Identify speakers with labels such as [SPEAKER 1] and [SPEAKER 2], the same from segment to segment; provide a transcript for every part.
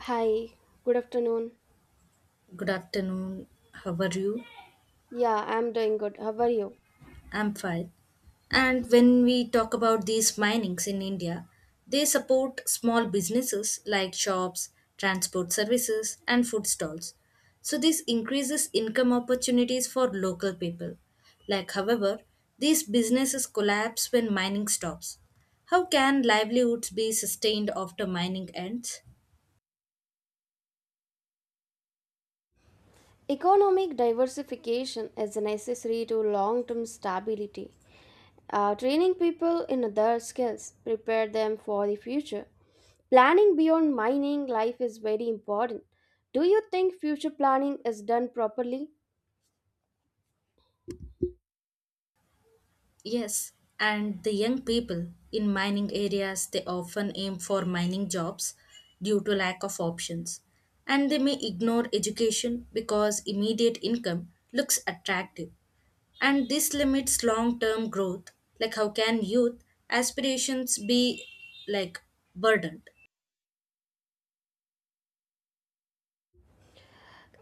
[SPEAKER 1] Hi, good afternoon.
[SPEAKER 2] Good afternoon. How are you?
[SPEAKER 1] Yeah, I'm doing good. How are you?
[SPEAKER 2] I'm fine. And when we talk about these minings in India, they support small businesses like shops, transport services, and food stalls. So this increases income opportunities for local people. Like, however, these businesses collapse when mining stops. How can livelihoods be sustained after mining ends?
[SPEAKER 1] Economic diversification is necessary to long term stability. Training people in other skills prepare them for the future. Planning beyond mining life is very important. Do you think future planning is done properly?
[SPEAKER 2] Yes, and the young people in mining areas, they often aim for mining jobs due to lack of options, and they may ignore education because immediate income looks attractive, and this limits long-term growth. Like, how can youth aspirations be, like, burdened?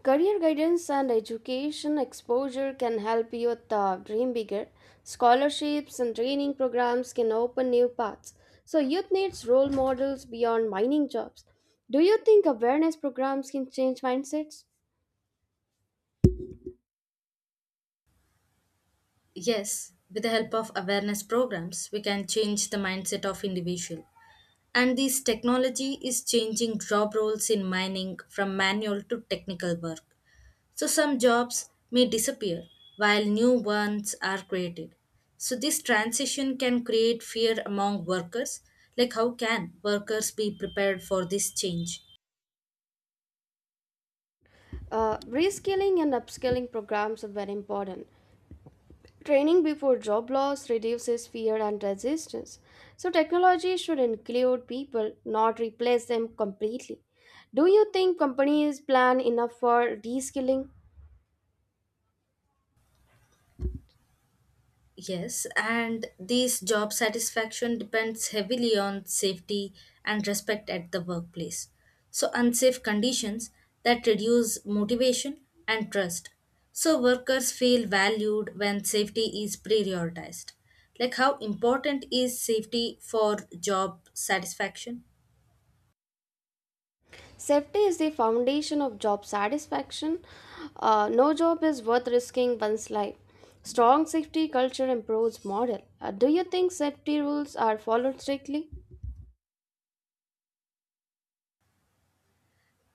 [SPEAKER 1] Career guidance and education exposure can help youth dream bigger. Scholarships and training programs can open new paths. So, youth needs role models beyond mining jobs. Do you think awareness programs can change mindsets?
[SPEAKER 2] Yes, with the help of awareness programs we can change the mindset of individual. And this technology is changing job roles in mining from manual to technical work. So some jobs may disappear while new ones are created. So this transition can create fear among workers. Like, how can workers be prepared for this change?
[SPEAKER 1] Reskilling and upskilling programs are very important. Training before job loss reduces fear and resistance. So, technology should include people, not replace them completely. Do you think companies plan enough for reskilling?
[SPEAKER 2] Yes, and these job satisfaction depends heavily on safety and respect at the workplace. So, unsafe conditions that reduce motivation and trust. So, workers feel valued when safety is prioritized. Like, how important is safety for job satisfaction?
[SPEAKER 1] Safety is the foundation of job satisfaction. No job is worth risking one's life. Strong safety culture improves morale. Do you think safety rules are followed strictly?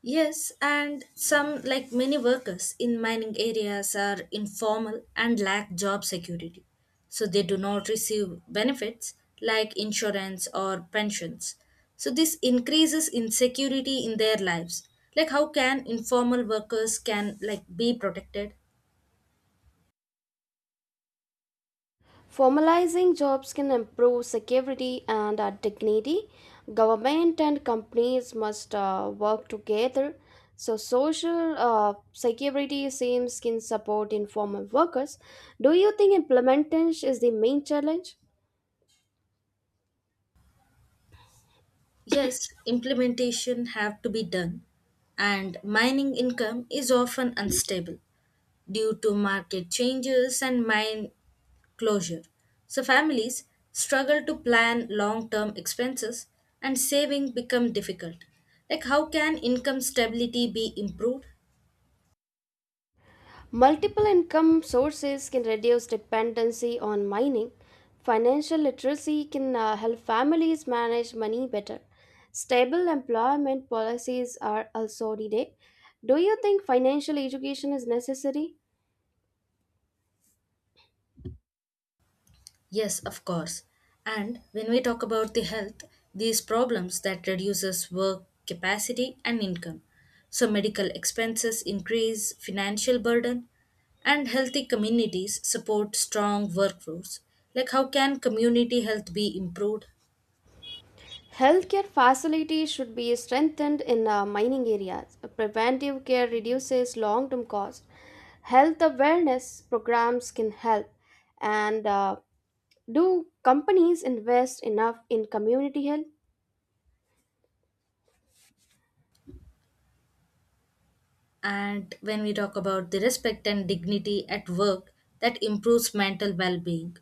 [SPEAKER 2] Yes, and some, like many workers in mining areas, are informal and lack job security. So they do not receive benefits like insurance or pensions. So this increases insecurity in their lives. Like, how can informal workers can, like, be protected?
[SPEAKER 1] Formalizing jobs can improve security and dignity. Government and companies must work together. So, social security schemes can support informal workers. Do you think implementation is the main challenge?
[SPEAKER 2] Yes, implementation have to be done, and mining income is often unstable due to market changes and mine closure. So families struggle to plan long-term expenses, and saving become difficult. Like, how can income stability be improved?
[SPEAKER 1] Multiple income sources can reduce dependency on mining. Financial literacy can help families manage money better. Stable employment policies are also needed. Do you think financial education is necessary?
[SPEAKER 2] Yes, of course. And when we talk about the health, these problems that reduces work capacity and income. So medical expenses increase, financial burden, and healthy communities support strong workforce. Like, how can community health be improved?
[SPEAKER 1] Healthcare facilities should be strengthened in mining areas. Preventive care reduces long term costs. Health awareness programs can help. And do companies invest enough in community health?
[SPEAKER 2] And when we talk about the respect and dignity at work, that improves mental well-being.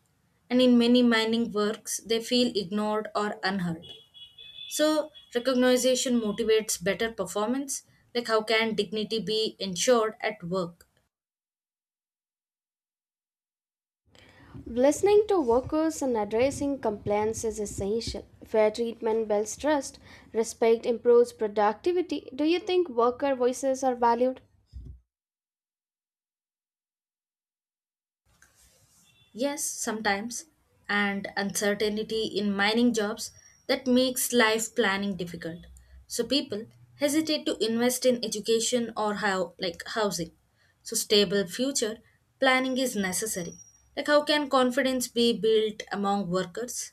[SPEAKER 2] And in many mining works, they feel ignored or unheard. So, recognition motivates better performance. Like, how can dignity be ensured at work?
[SPEAKER 1] Listening to workers and addressing complaints is essential. Fair treatment builds trust, respect improves productivity. Do you think worker voices are valued?
[SPEAKER 2] Yes, sometimes, and uncertainty in mining jobs that makes life planning difficult. So, people hesitate to invest in education or how like housing. So, stable future planning is necessary. Like, how can confidence be built among workers?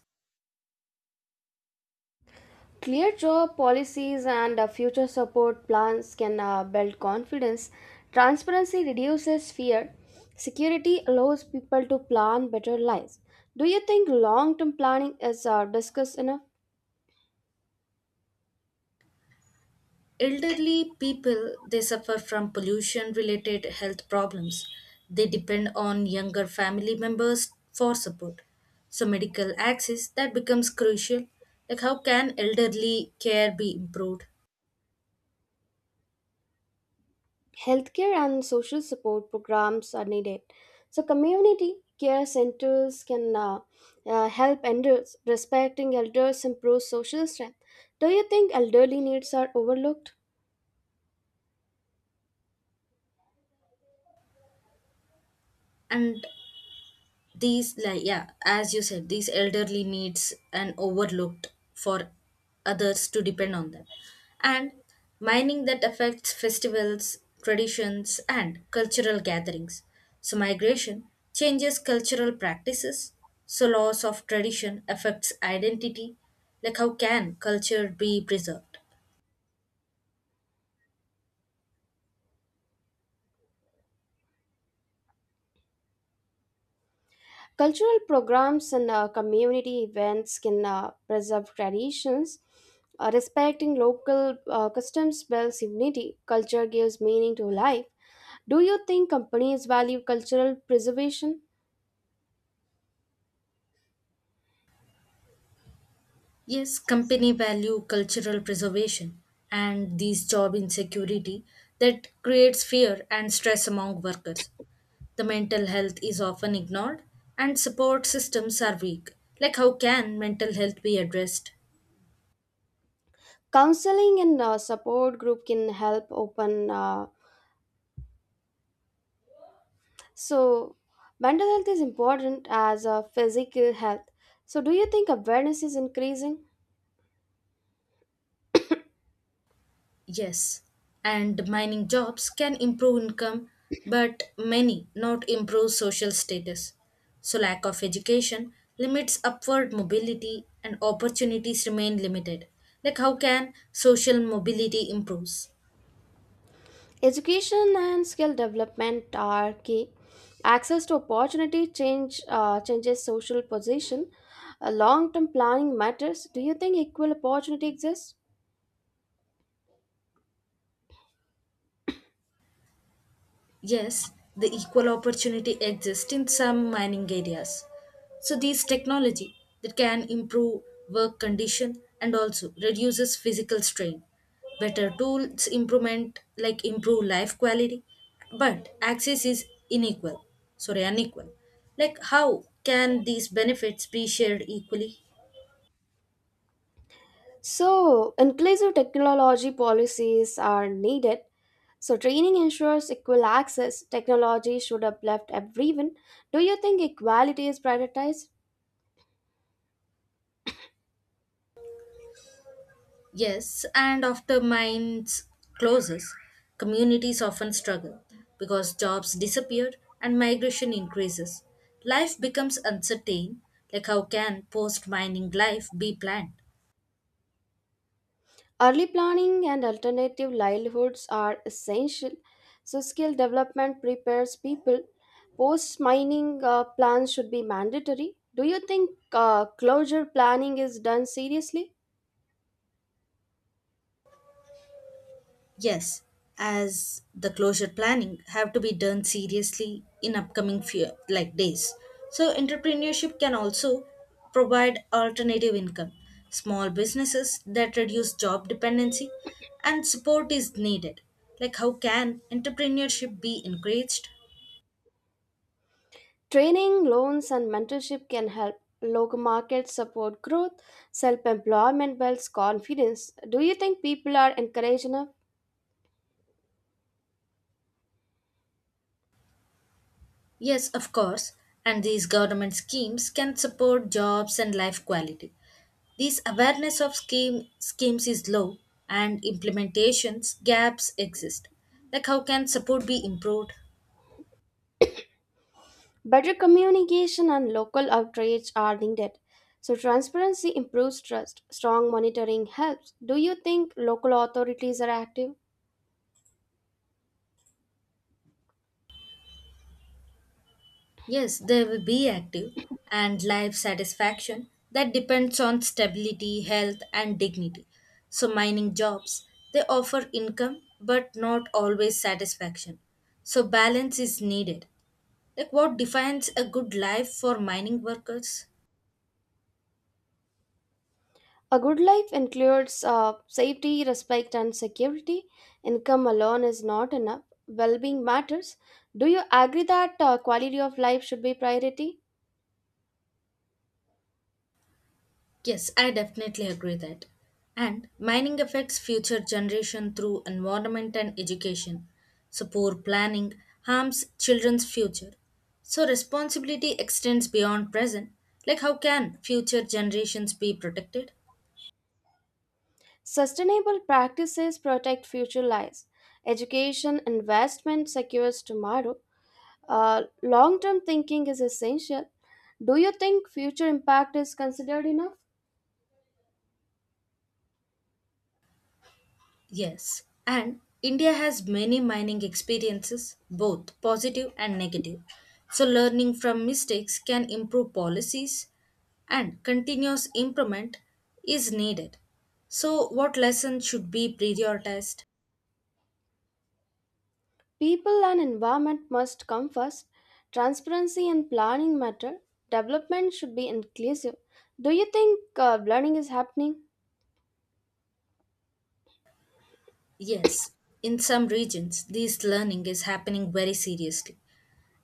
[SPEAKER 1] Clear job policies and future support plans can build confidence. Transparency reduces fear. Security allows people to plan better lives. Do you think long term planning is discussed enough?
[SPEAKER 2] Elderly people, they suffer from pollution related health problems. They depend on younger family members for support. So, medical access that becomes crucial. Like, how can elderly care be improved?
[SPEAKER 1] Healthcare and social support programs are needed. So, community care centers can help elders. Respecting elders improves social strength. Do you think elderly needs are overlooked?
[SPEAKER 2] And these, like, yeah, as you said, these elderly needs and overlooked for others to depend on them, and mining that affects festivals, traditions, and cultural gatherings. So migration changes cultural practices, so loss of tradition affects identity. Like, how can culture be preserved?
[SPEAKER 1] Cultural programs and community events can preserve traditions. Respecting local customs builds unity. Culture gives meaning to life. Do you think companies value cultural preservation?
[SPEAKER 2] Yes, company value cultural preservation, and these job insecurity that creates fear and stress among workers. The mental health is often ignored, and support systems are weak. Like, how can mental health be addressed?
[SPEAKER 1] Counseling and support group can help open. So, mental health is important as physical health. So, do you think awareness is increasing?
[SPEAKER 2] Yes, and mining jobs can improve income, but many not improve social status. So, lack of education limits upward mobility, and opportunities remain limited. Like, how can social mobility improve?
[SPEAKER 1] Education and skill development are key. Access to opportunity changes social position. Long-term planning matters. Do you think equal opportunity exists?
[SPEAKER 2] Yes, the equal opportunity exists in some mining areas. So these technology that can improve work condition and also reduces physical strain. Better tools improvement like improve life quality, but access is unequal. Sorry, unequal. Like, how can these benefits be shared equally?
[SPEAKER 1] So, inclusive technology policies are needed. So, training ensures equal access. Technology should uplift everyone. Do you think equality is prioritized?
[SPEAKER 2] Yes, and after mines closes, communities often struggle because jobs disappear and migration increases. Life becomes uncertain. Like, how can post mining life be planned?
[SPEAKER 1] Early planning and alternative livelihoods are essential. So, skill development prepares people. Post mining plans should be mandatory. Do you think closure planning is done seriously?
[SPEAKER 2] Yes, as the closure planning have to be done seriously in upcoming few like days. So entrepreneurship can also provide alternative income. Small businesses that reduce job dependency, and support is needed. Like, how can entrepreneurship be encouraged?
[SPEAKER 1] Training, loans, and mentorship can help local markets support growth. Self employment builds confidence. Do you think people are encouraged enough?
[SPEAKER 2] Yes, of course, and these government schemes can support jobs and life quality. This awareness of scheme, schemes is low, and implementations gaps exist. Like, how can support be improved?
[SPEAKER 1] Better communication and local outreach are needed. So, transparency improves trust. Strong monitoring helps. Do you think local authorities are active?
[SPEAKER 2] Yes, they will be active, and life satisfaction that depends on stability, health, and dignity. So mining jobs, they offer income but not always satisfaction. So balance is needed. Like, what defines a good life for mining workers?
[SPEAKER 1] A good life includes safety, respect, and security. Income alone is not enough. Well being matters. Do you agree that quality of life should be priority?
[SPEAKER 2] Yes, I definitely agree that. And mining affects future generation through environment and education. So poor planning harms children's future. So responsibility extends beyond present. Like, how can future generations be protected?
[SPEAKER 1] Sustainable practices protect future lives. Education investment secures tomorrow. Long term thinking is essential. Do you think future impact is considered enough?
[SPEAKER 2] Yes, and India has many mining experiences, both positive and negative. So, learning from mistakes can improve policies, and continuous improvement is needed. So, what lessons should be prioritized?
[SPEAKER 1] People and environment must come first. Transparency and planning matter. Development should be inclusive. Do you think learning is happening?
[SPEAKER 2] Yes, in some regions, this learning is happening very seriously,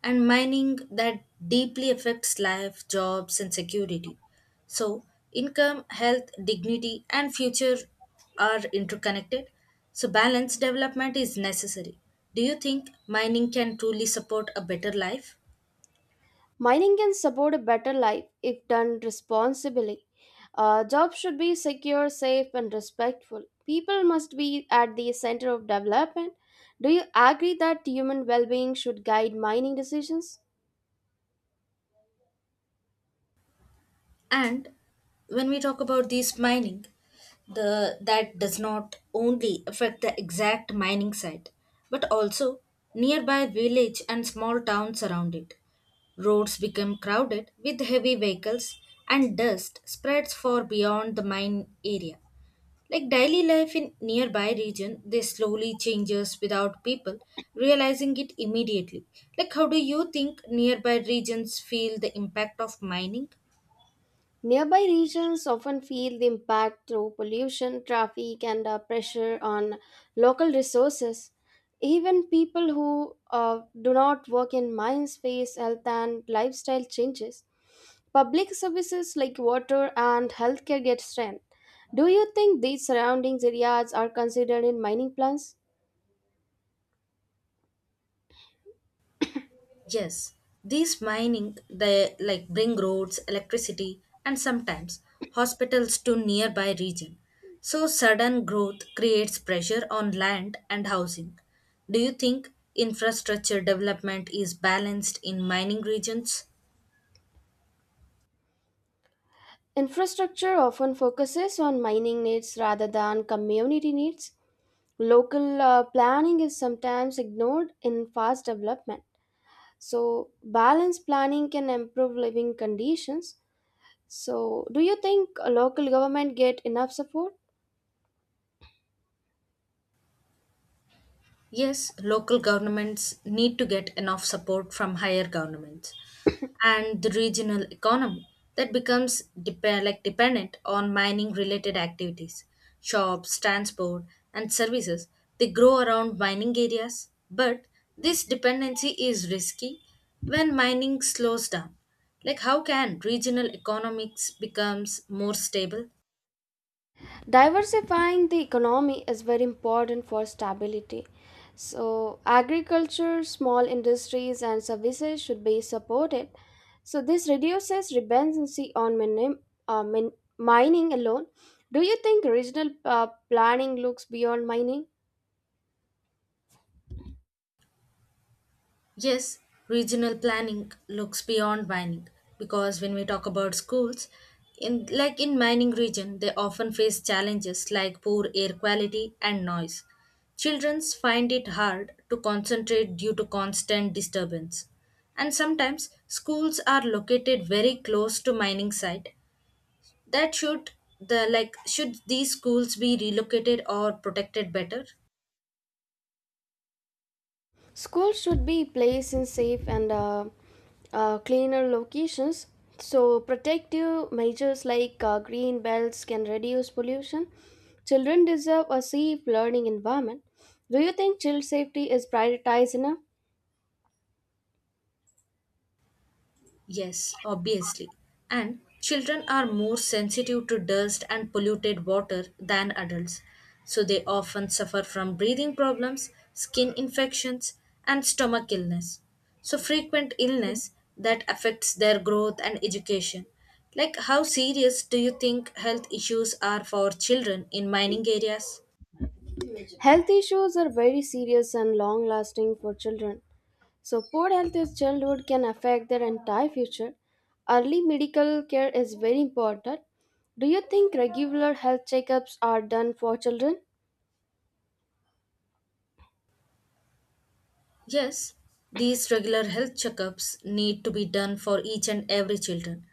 [SPEAKER 2] and mining that deeply affects life, jobs, and security. So, income, health, dignity, and future are interconnected. So, balanced development is necessary. Do you think mining can truly support a better life?
[SPEAKER 1] Mining can support a better life if done responsibly. Jobs should be secure, safe, and respectful. People must be at the center of development. Do you agree that human well being should guide mining decisions?
[SPEAKER 2] And when we talk about this mining, the that does not only affect the exact mining site, but also nearby village and small towns around it. Roads become crowded with heavy vehicles, and dust spreads far beyond the mine area. Like, daily life in nearby region, they slowly changes without people realizing it immediately. Like, how do you think nearby regions feel the impact of mining?
[SPEAKER 1] Nearby regions often feel the impact through pollution, traffic, and pressure on local resources. Even people who do not work in mines face health and lifestyle changes. Public services like water and healthcare get strained. Do you think these surrounding areas are considered in mining plans?
[SPEAKER 2] Yes, these mining they like bring roads, electricity, and sometimes hospitals to nearby region. So sudden growth creates pressure on land and housing. Do you think infrastructure development is balanced in mining regions?
[SPEAKER 1] Infrastructure often focuses on mining needs rather than community needs. Local planning is sometimes ignored in fast development. So, balanced planning can improve living conditions. So, do you think local government get enough support?
[SPEAKER 2] Yes, local governments need to get enough support from higher governments, and the regional economy that becomes dep- like dependent on mining related activities, shops, transport, and services. They grow around mining areas, but this dependency is risky when mining slows down. Like, how can regional economics becomes more stable?
[SPEAKER 1] Diversifying the economy is very important for stability. So, agriculture, small industries, and services should be supported. So, this reduces dependency on uh, min- mining alone. Do you think regional planning looks beyond mining?
[SPEAKER 2] Yes, regional planning looks beyond mining, because when we talk about schools, in like in mining region, they often face challenges like poor air quality and noise. Children find it hard to concentrate due to constant disturbance. And sometimes schools are located very close to mining site. That should the like should these schools be relocated or protected better?
[SPEAKER 1] Schools should be placed in safe and cleaner locations. So, protective measures like green belts can reduce pollution. Children deserve a safe learning environment. Do you think child safety is prioritized enough?
[SPEAKER 2] Yes, obviously. And children are more sensitive to dust and polluted water than adults. So they often suffer from breathing problems, skin infections, and stomach illness. So frequent illness that affects their growth and education. Like, how serious do you think health issues are for children in mining areas?
[SPEAKER 1] Health issues are very serious and long lasting for children. So, poor health in childhood can affect their entire future. Early medical care is very important. Do you think regular health checkups are done for children?
[SPEAKER 2] Yes, these regular health checkups need to be done for each and every children.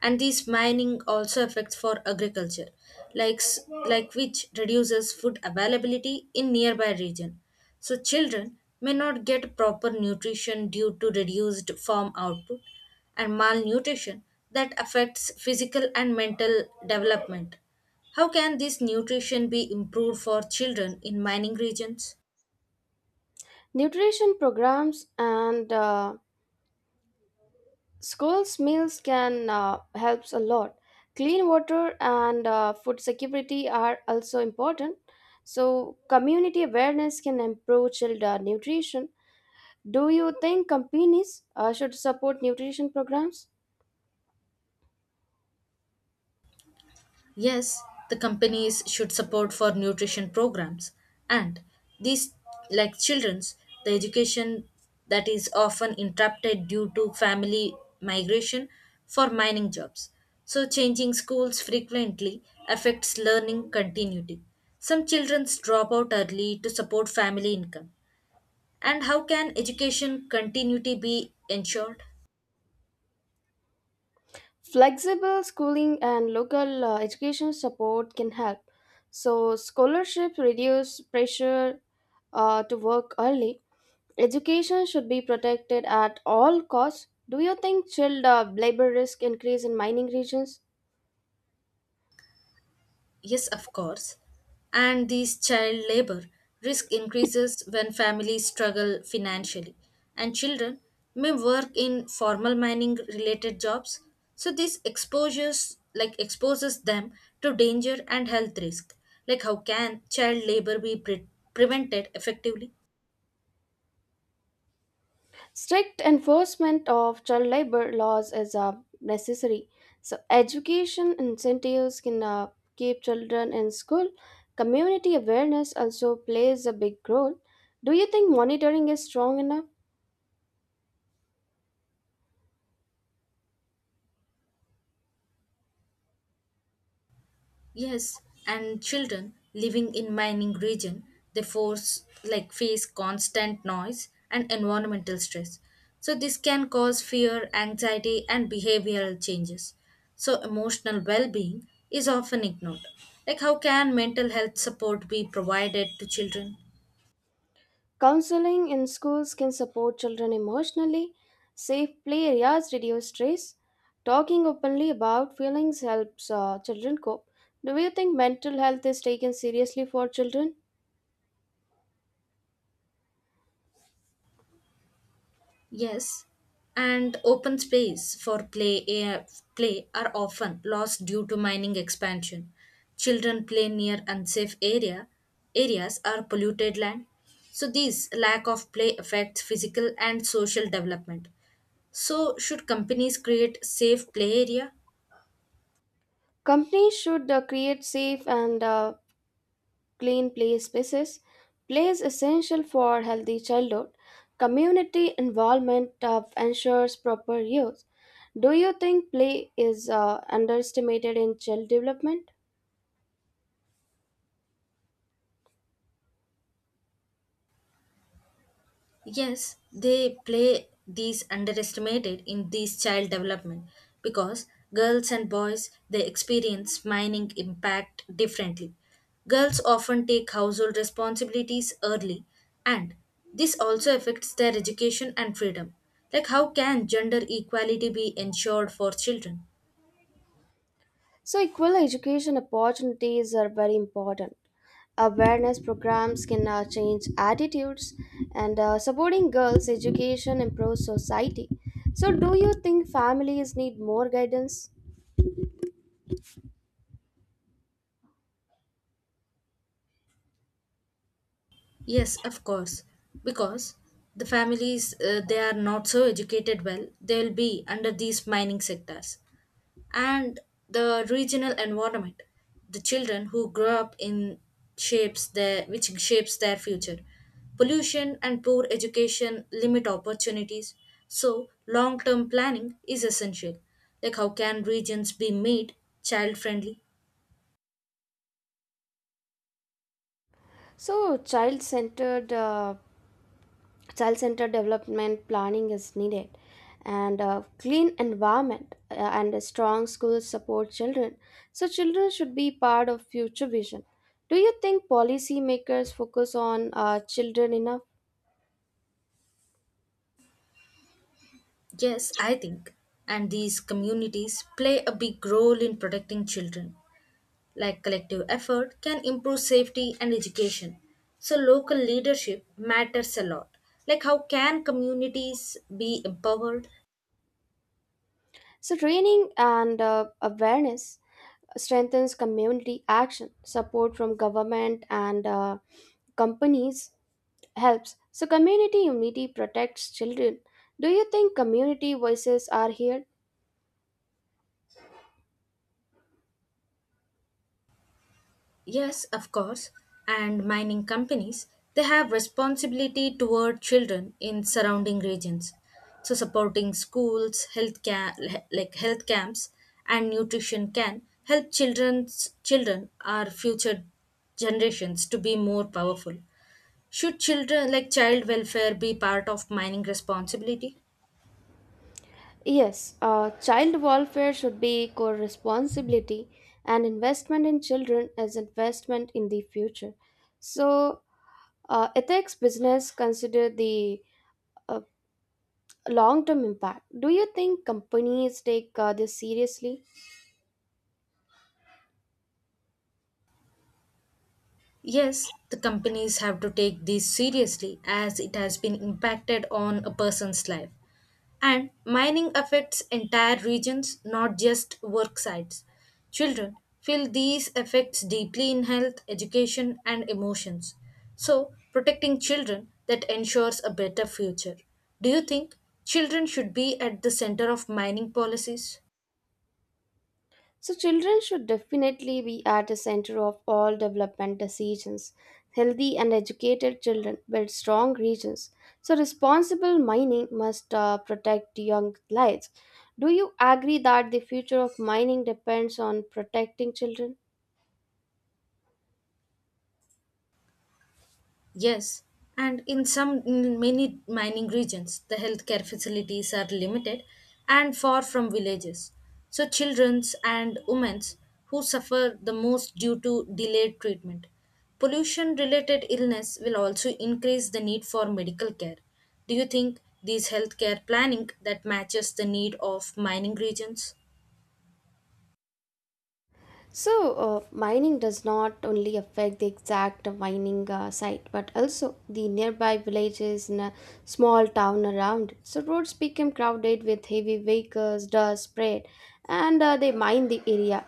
[SPEAKER 2] And these mining also affects for agriculture, like, s- like which reduces food availability in nearby region. So children may not get proper nutrition due to reduced farm output, and malnutrition that affects physical and mental development. How can this nutrition be improved for children in mining regions?
[SPEAKER 1] Nutrition programs and schools meals can helps a lot. Clean water and food security are also important. So community awareness can improve child nutrition. Do you think companies should support nutrition programs?
[SPEAKER 2] Yes, the companies should support for nutrition programs, and these like children's the education that is often interrupted due to family migration for mining jobs. So changing schools frequently affects learning continuity. Some children drop out early to support family income. And how can education continuity be ensured?
[SPEAKER 1] Flexible schooling and local education support can help. So scholarships reduce pressure to work early. Education should be protected at all costs. Do you think child labor risk increase in mining regions?
[SPEAKER 2] Yes, of course. And these child labor risk increases when families struggle financially, and children may work in formal mining related jobs. So this exposures like exposes them to danger and health risk. Like, how can child labor be prevented effectively?
[SPEAKER 1] Strict enforcement of child labor laws is necessary. So education incentives can keep children in school. Community awareness also plays a big role. Do you think monitoring is strong enough?
[SPEAKER 2] Yes, and children living in mining region, they force like face constant noise and environmental stress. So this can cause fear, anxiety, and behavioral changes. So emotional well-being is often ignored. Like, how can mental health support be provided to children?
[SPEAKER 1] Counseling in schools can support children emotionally. Safe play areas reduce stress. Talking openly about feelings helps children cope. Do you think mental health is taken seriously for children?
[SPEAKER 2] Yes, and open space for play, air, play are often lost due to mining expansion. Children play near unsafe areas or polluted land. So these lack of play affects physical and social development. So should companies create safe play area?
[SPEAKER 1] Companies should create safe and clean play spaces. Play is essential for healthy childhood. Community involvement ensures proper use. Do you think play is underestimated in child development?
[SPEAKER 2] Yes, they play these underestimated in these child development, because girls and boys they experience mining impact differently. Girls often take household responsibilities early, and this also affects their education and freedom. Like, how can gender equality be ensured for children?
[SPEAKER 1] So, equal education opportunities are very important. Awareness programs can change attitudes, and supporting girls' education improves society. So, do you think families need more guidance?
[SPEAKER 2] Yes, of course. Because the families they are not so educated well, they will be under these mining sectors. And the regional environment the children who grow up in shapes their which shapes their future, pollution and poor education limit opportunities, so long term planning is essential. Like, how can regions be made child friendly?
[SPEAKER 1] So, child centered development planning is needed, and a clean environment and a strong schools support children. So children should be part of future vision. Do you think policymakers focus on children enough?
[SPEAKER 2] Yes, I think. And these communities play a big role in protecting children, like collective effort, can improve safety and education. So local leadership matters a lot. Like, how can communities be empowered?
[SPEAKER 1] So training and awareness strengthens community action. Support from government and companies helps. So community unity protects children. Do you think community voices are here?
[SPEAKER 2] Yes, of course. And mining companies, they have responsibility toward children in surrounding regions. So supporting schools, health ca- like health camps and nutrition can help children's children our future generations to be more powerful. Should children like child welfare be part of mining responsibility?
[SPEAKER 1] Yes, child welfare should be core responsibility, and investment in children is investment in the future. So, ethics business consider the uh, long term impact. Do you think companies take this seriously?
[SPEAKER 2] Yes, the companies have to take this seriously as it has been impacted on a person's life. And mining affects entire regions, not just work sites. Children feel these effects deeply in health, education, and emotions. So, protecting children that ensures a better future. Do you think children should be at the center of mining policies?
[SPEAKER 1] So, children should definitely be at the center of all development decisions. Healthy and educated children build strong regions. So, responsible mining must protect young lives. Do you agree that the future of mining depends on protecting children?
[SPEAKER 2] Yes, and in some in many mining regions, the healthcare facilities are limited and far from villages. So children's and women's who suffer the most due to delayed treatment. Pollution related illness will also increase the need for medical care. Do you think these healthcare planning that matches the need of mining regions?
[SPEAKER 1] So, mining does not only affect the exact mining site but also the nearby villages and a small town around. So, roads become crowded with heavy vehicles, dust spread, and they mine the area.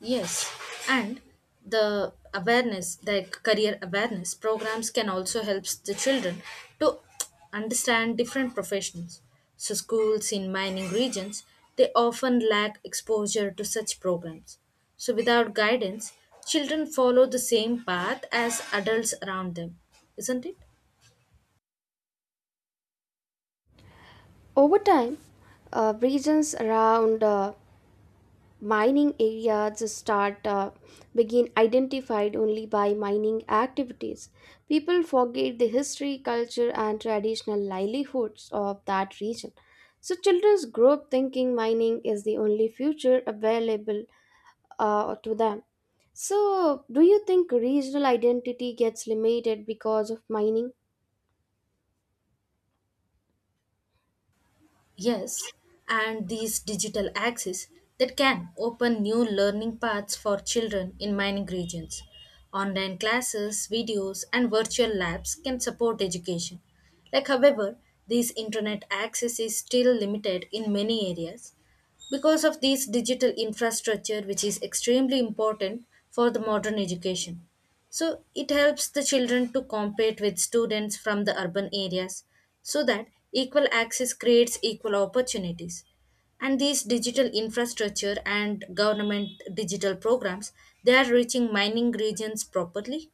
[SPEAKER 2] Yes, and the awareness, the career awareness programs can also help the children to understand different professions. So, schools in mining regions they often lack exposure to such programs. So, without guidance, children follow the same path as adults around them, isn't it?
[SPEAKER 1] Over time, regions around mining areas start begin identified only by mining activities. People forget the history, culture, and traditional livelihoods of that region. So children grow up thinking mining is the only future available to them. So do you think regional identity gets limited because of mining?
[SPEAKER 2] Yes, and these digital access that can open new learning paths for children in mining regions. Online classes, videos, and virtual labs can support education. Like, however, this internet access is still limited in many areas, because of this digital infrastructure which is extremely important for the modern education, so it helps the children to compete with students from the urban areas, so that equal access creates equal opportunities. And these digital infrastructure and government digital programs, they are reaching mining regions properly.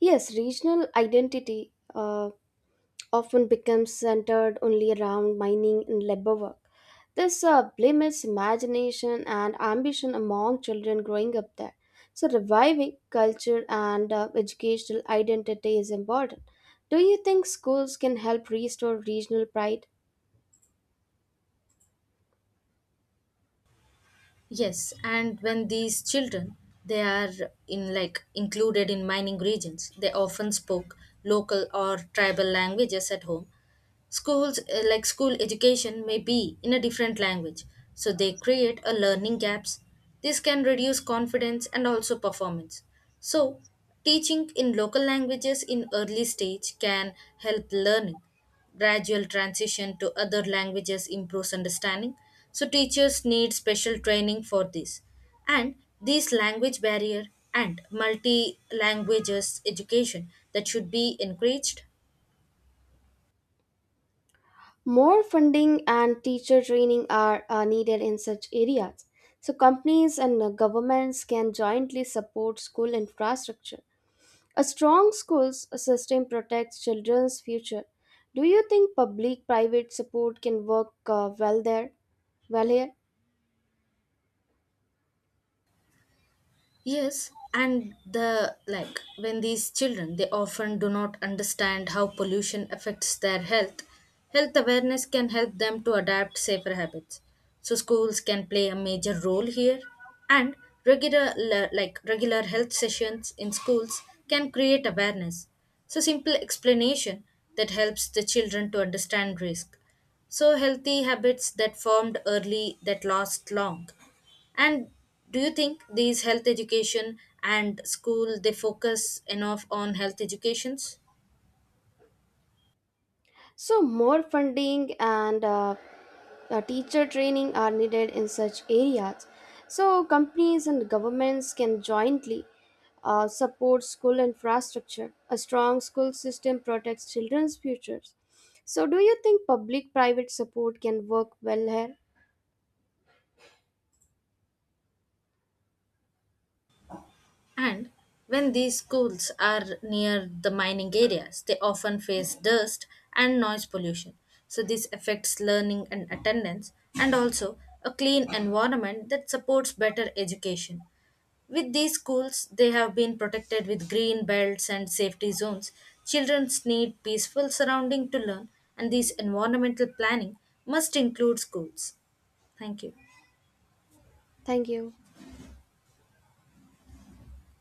[SPEAKER 1] Yes, regional identity often becomes centered only around mining and labor work. This limits imagination and ambition among children growing up there. So, reviving culture and educational identity is important. Do you think schools can help restore regional pride?
[SPEAKER 2] Yes, and when these children they are in like included in mining regions, they often spoke local or tribal languages at home. Schools like school education may be in a different language, so they create a learning gaps. This can reduce confidence and also performance. So, teaching in local languages in early stage can help learning, gradual transition to other languages improves understanding, so teachers need special training for this. And this language barrier and multi languages education that should be encouraged.
[SPEAKER 1] More funding and teacher training are needed in such areas. So, companies and governments can jointly support school infrastructure. A strong schools system protects children's future. Do you think public-private support can work well there? Well here,
[SPEAKER 2] Yes, and the like when these children they often do not understand how pollution affects their health. Health awareness can help them to adapt safer habits. So schools can play a major role here, and regular le- like regular health sessions in schools can create awareness. So simple explanation that helps the children to understand risk. So healthy habits that formed early that last long. And do you think these health education and school they focus enough on health educations?
[SPEAKER 1] so more funding and teacher training are needed in such areas. So companies and governments can jointly support school infrastructure. A strong school system protects children's futures. So do you think public-private support can work well here?
[SPEAKER 2] And when these schools are near the mining areas, they often face dust and noise pollution. So this affects learning and attendance, and also a clean environment that supports better education. With these schools, they have been protected with green belts and safety zones. Children need peaceful surrounding to learn, and this environmental planning must include schools. Thank you.
[SPEAKER 1] Thank you.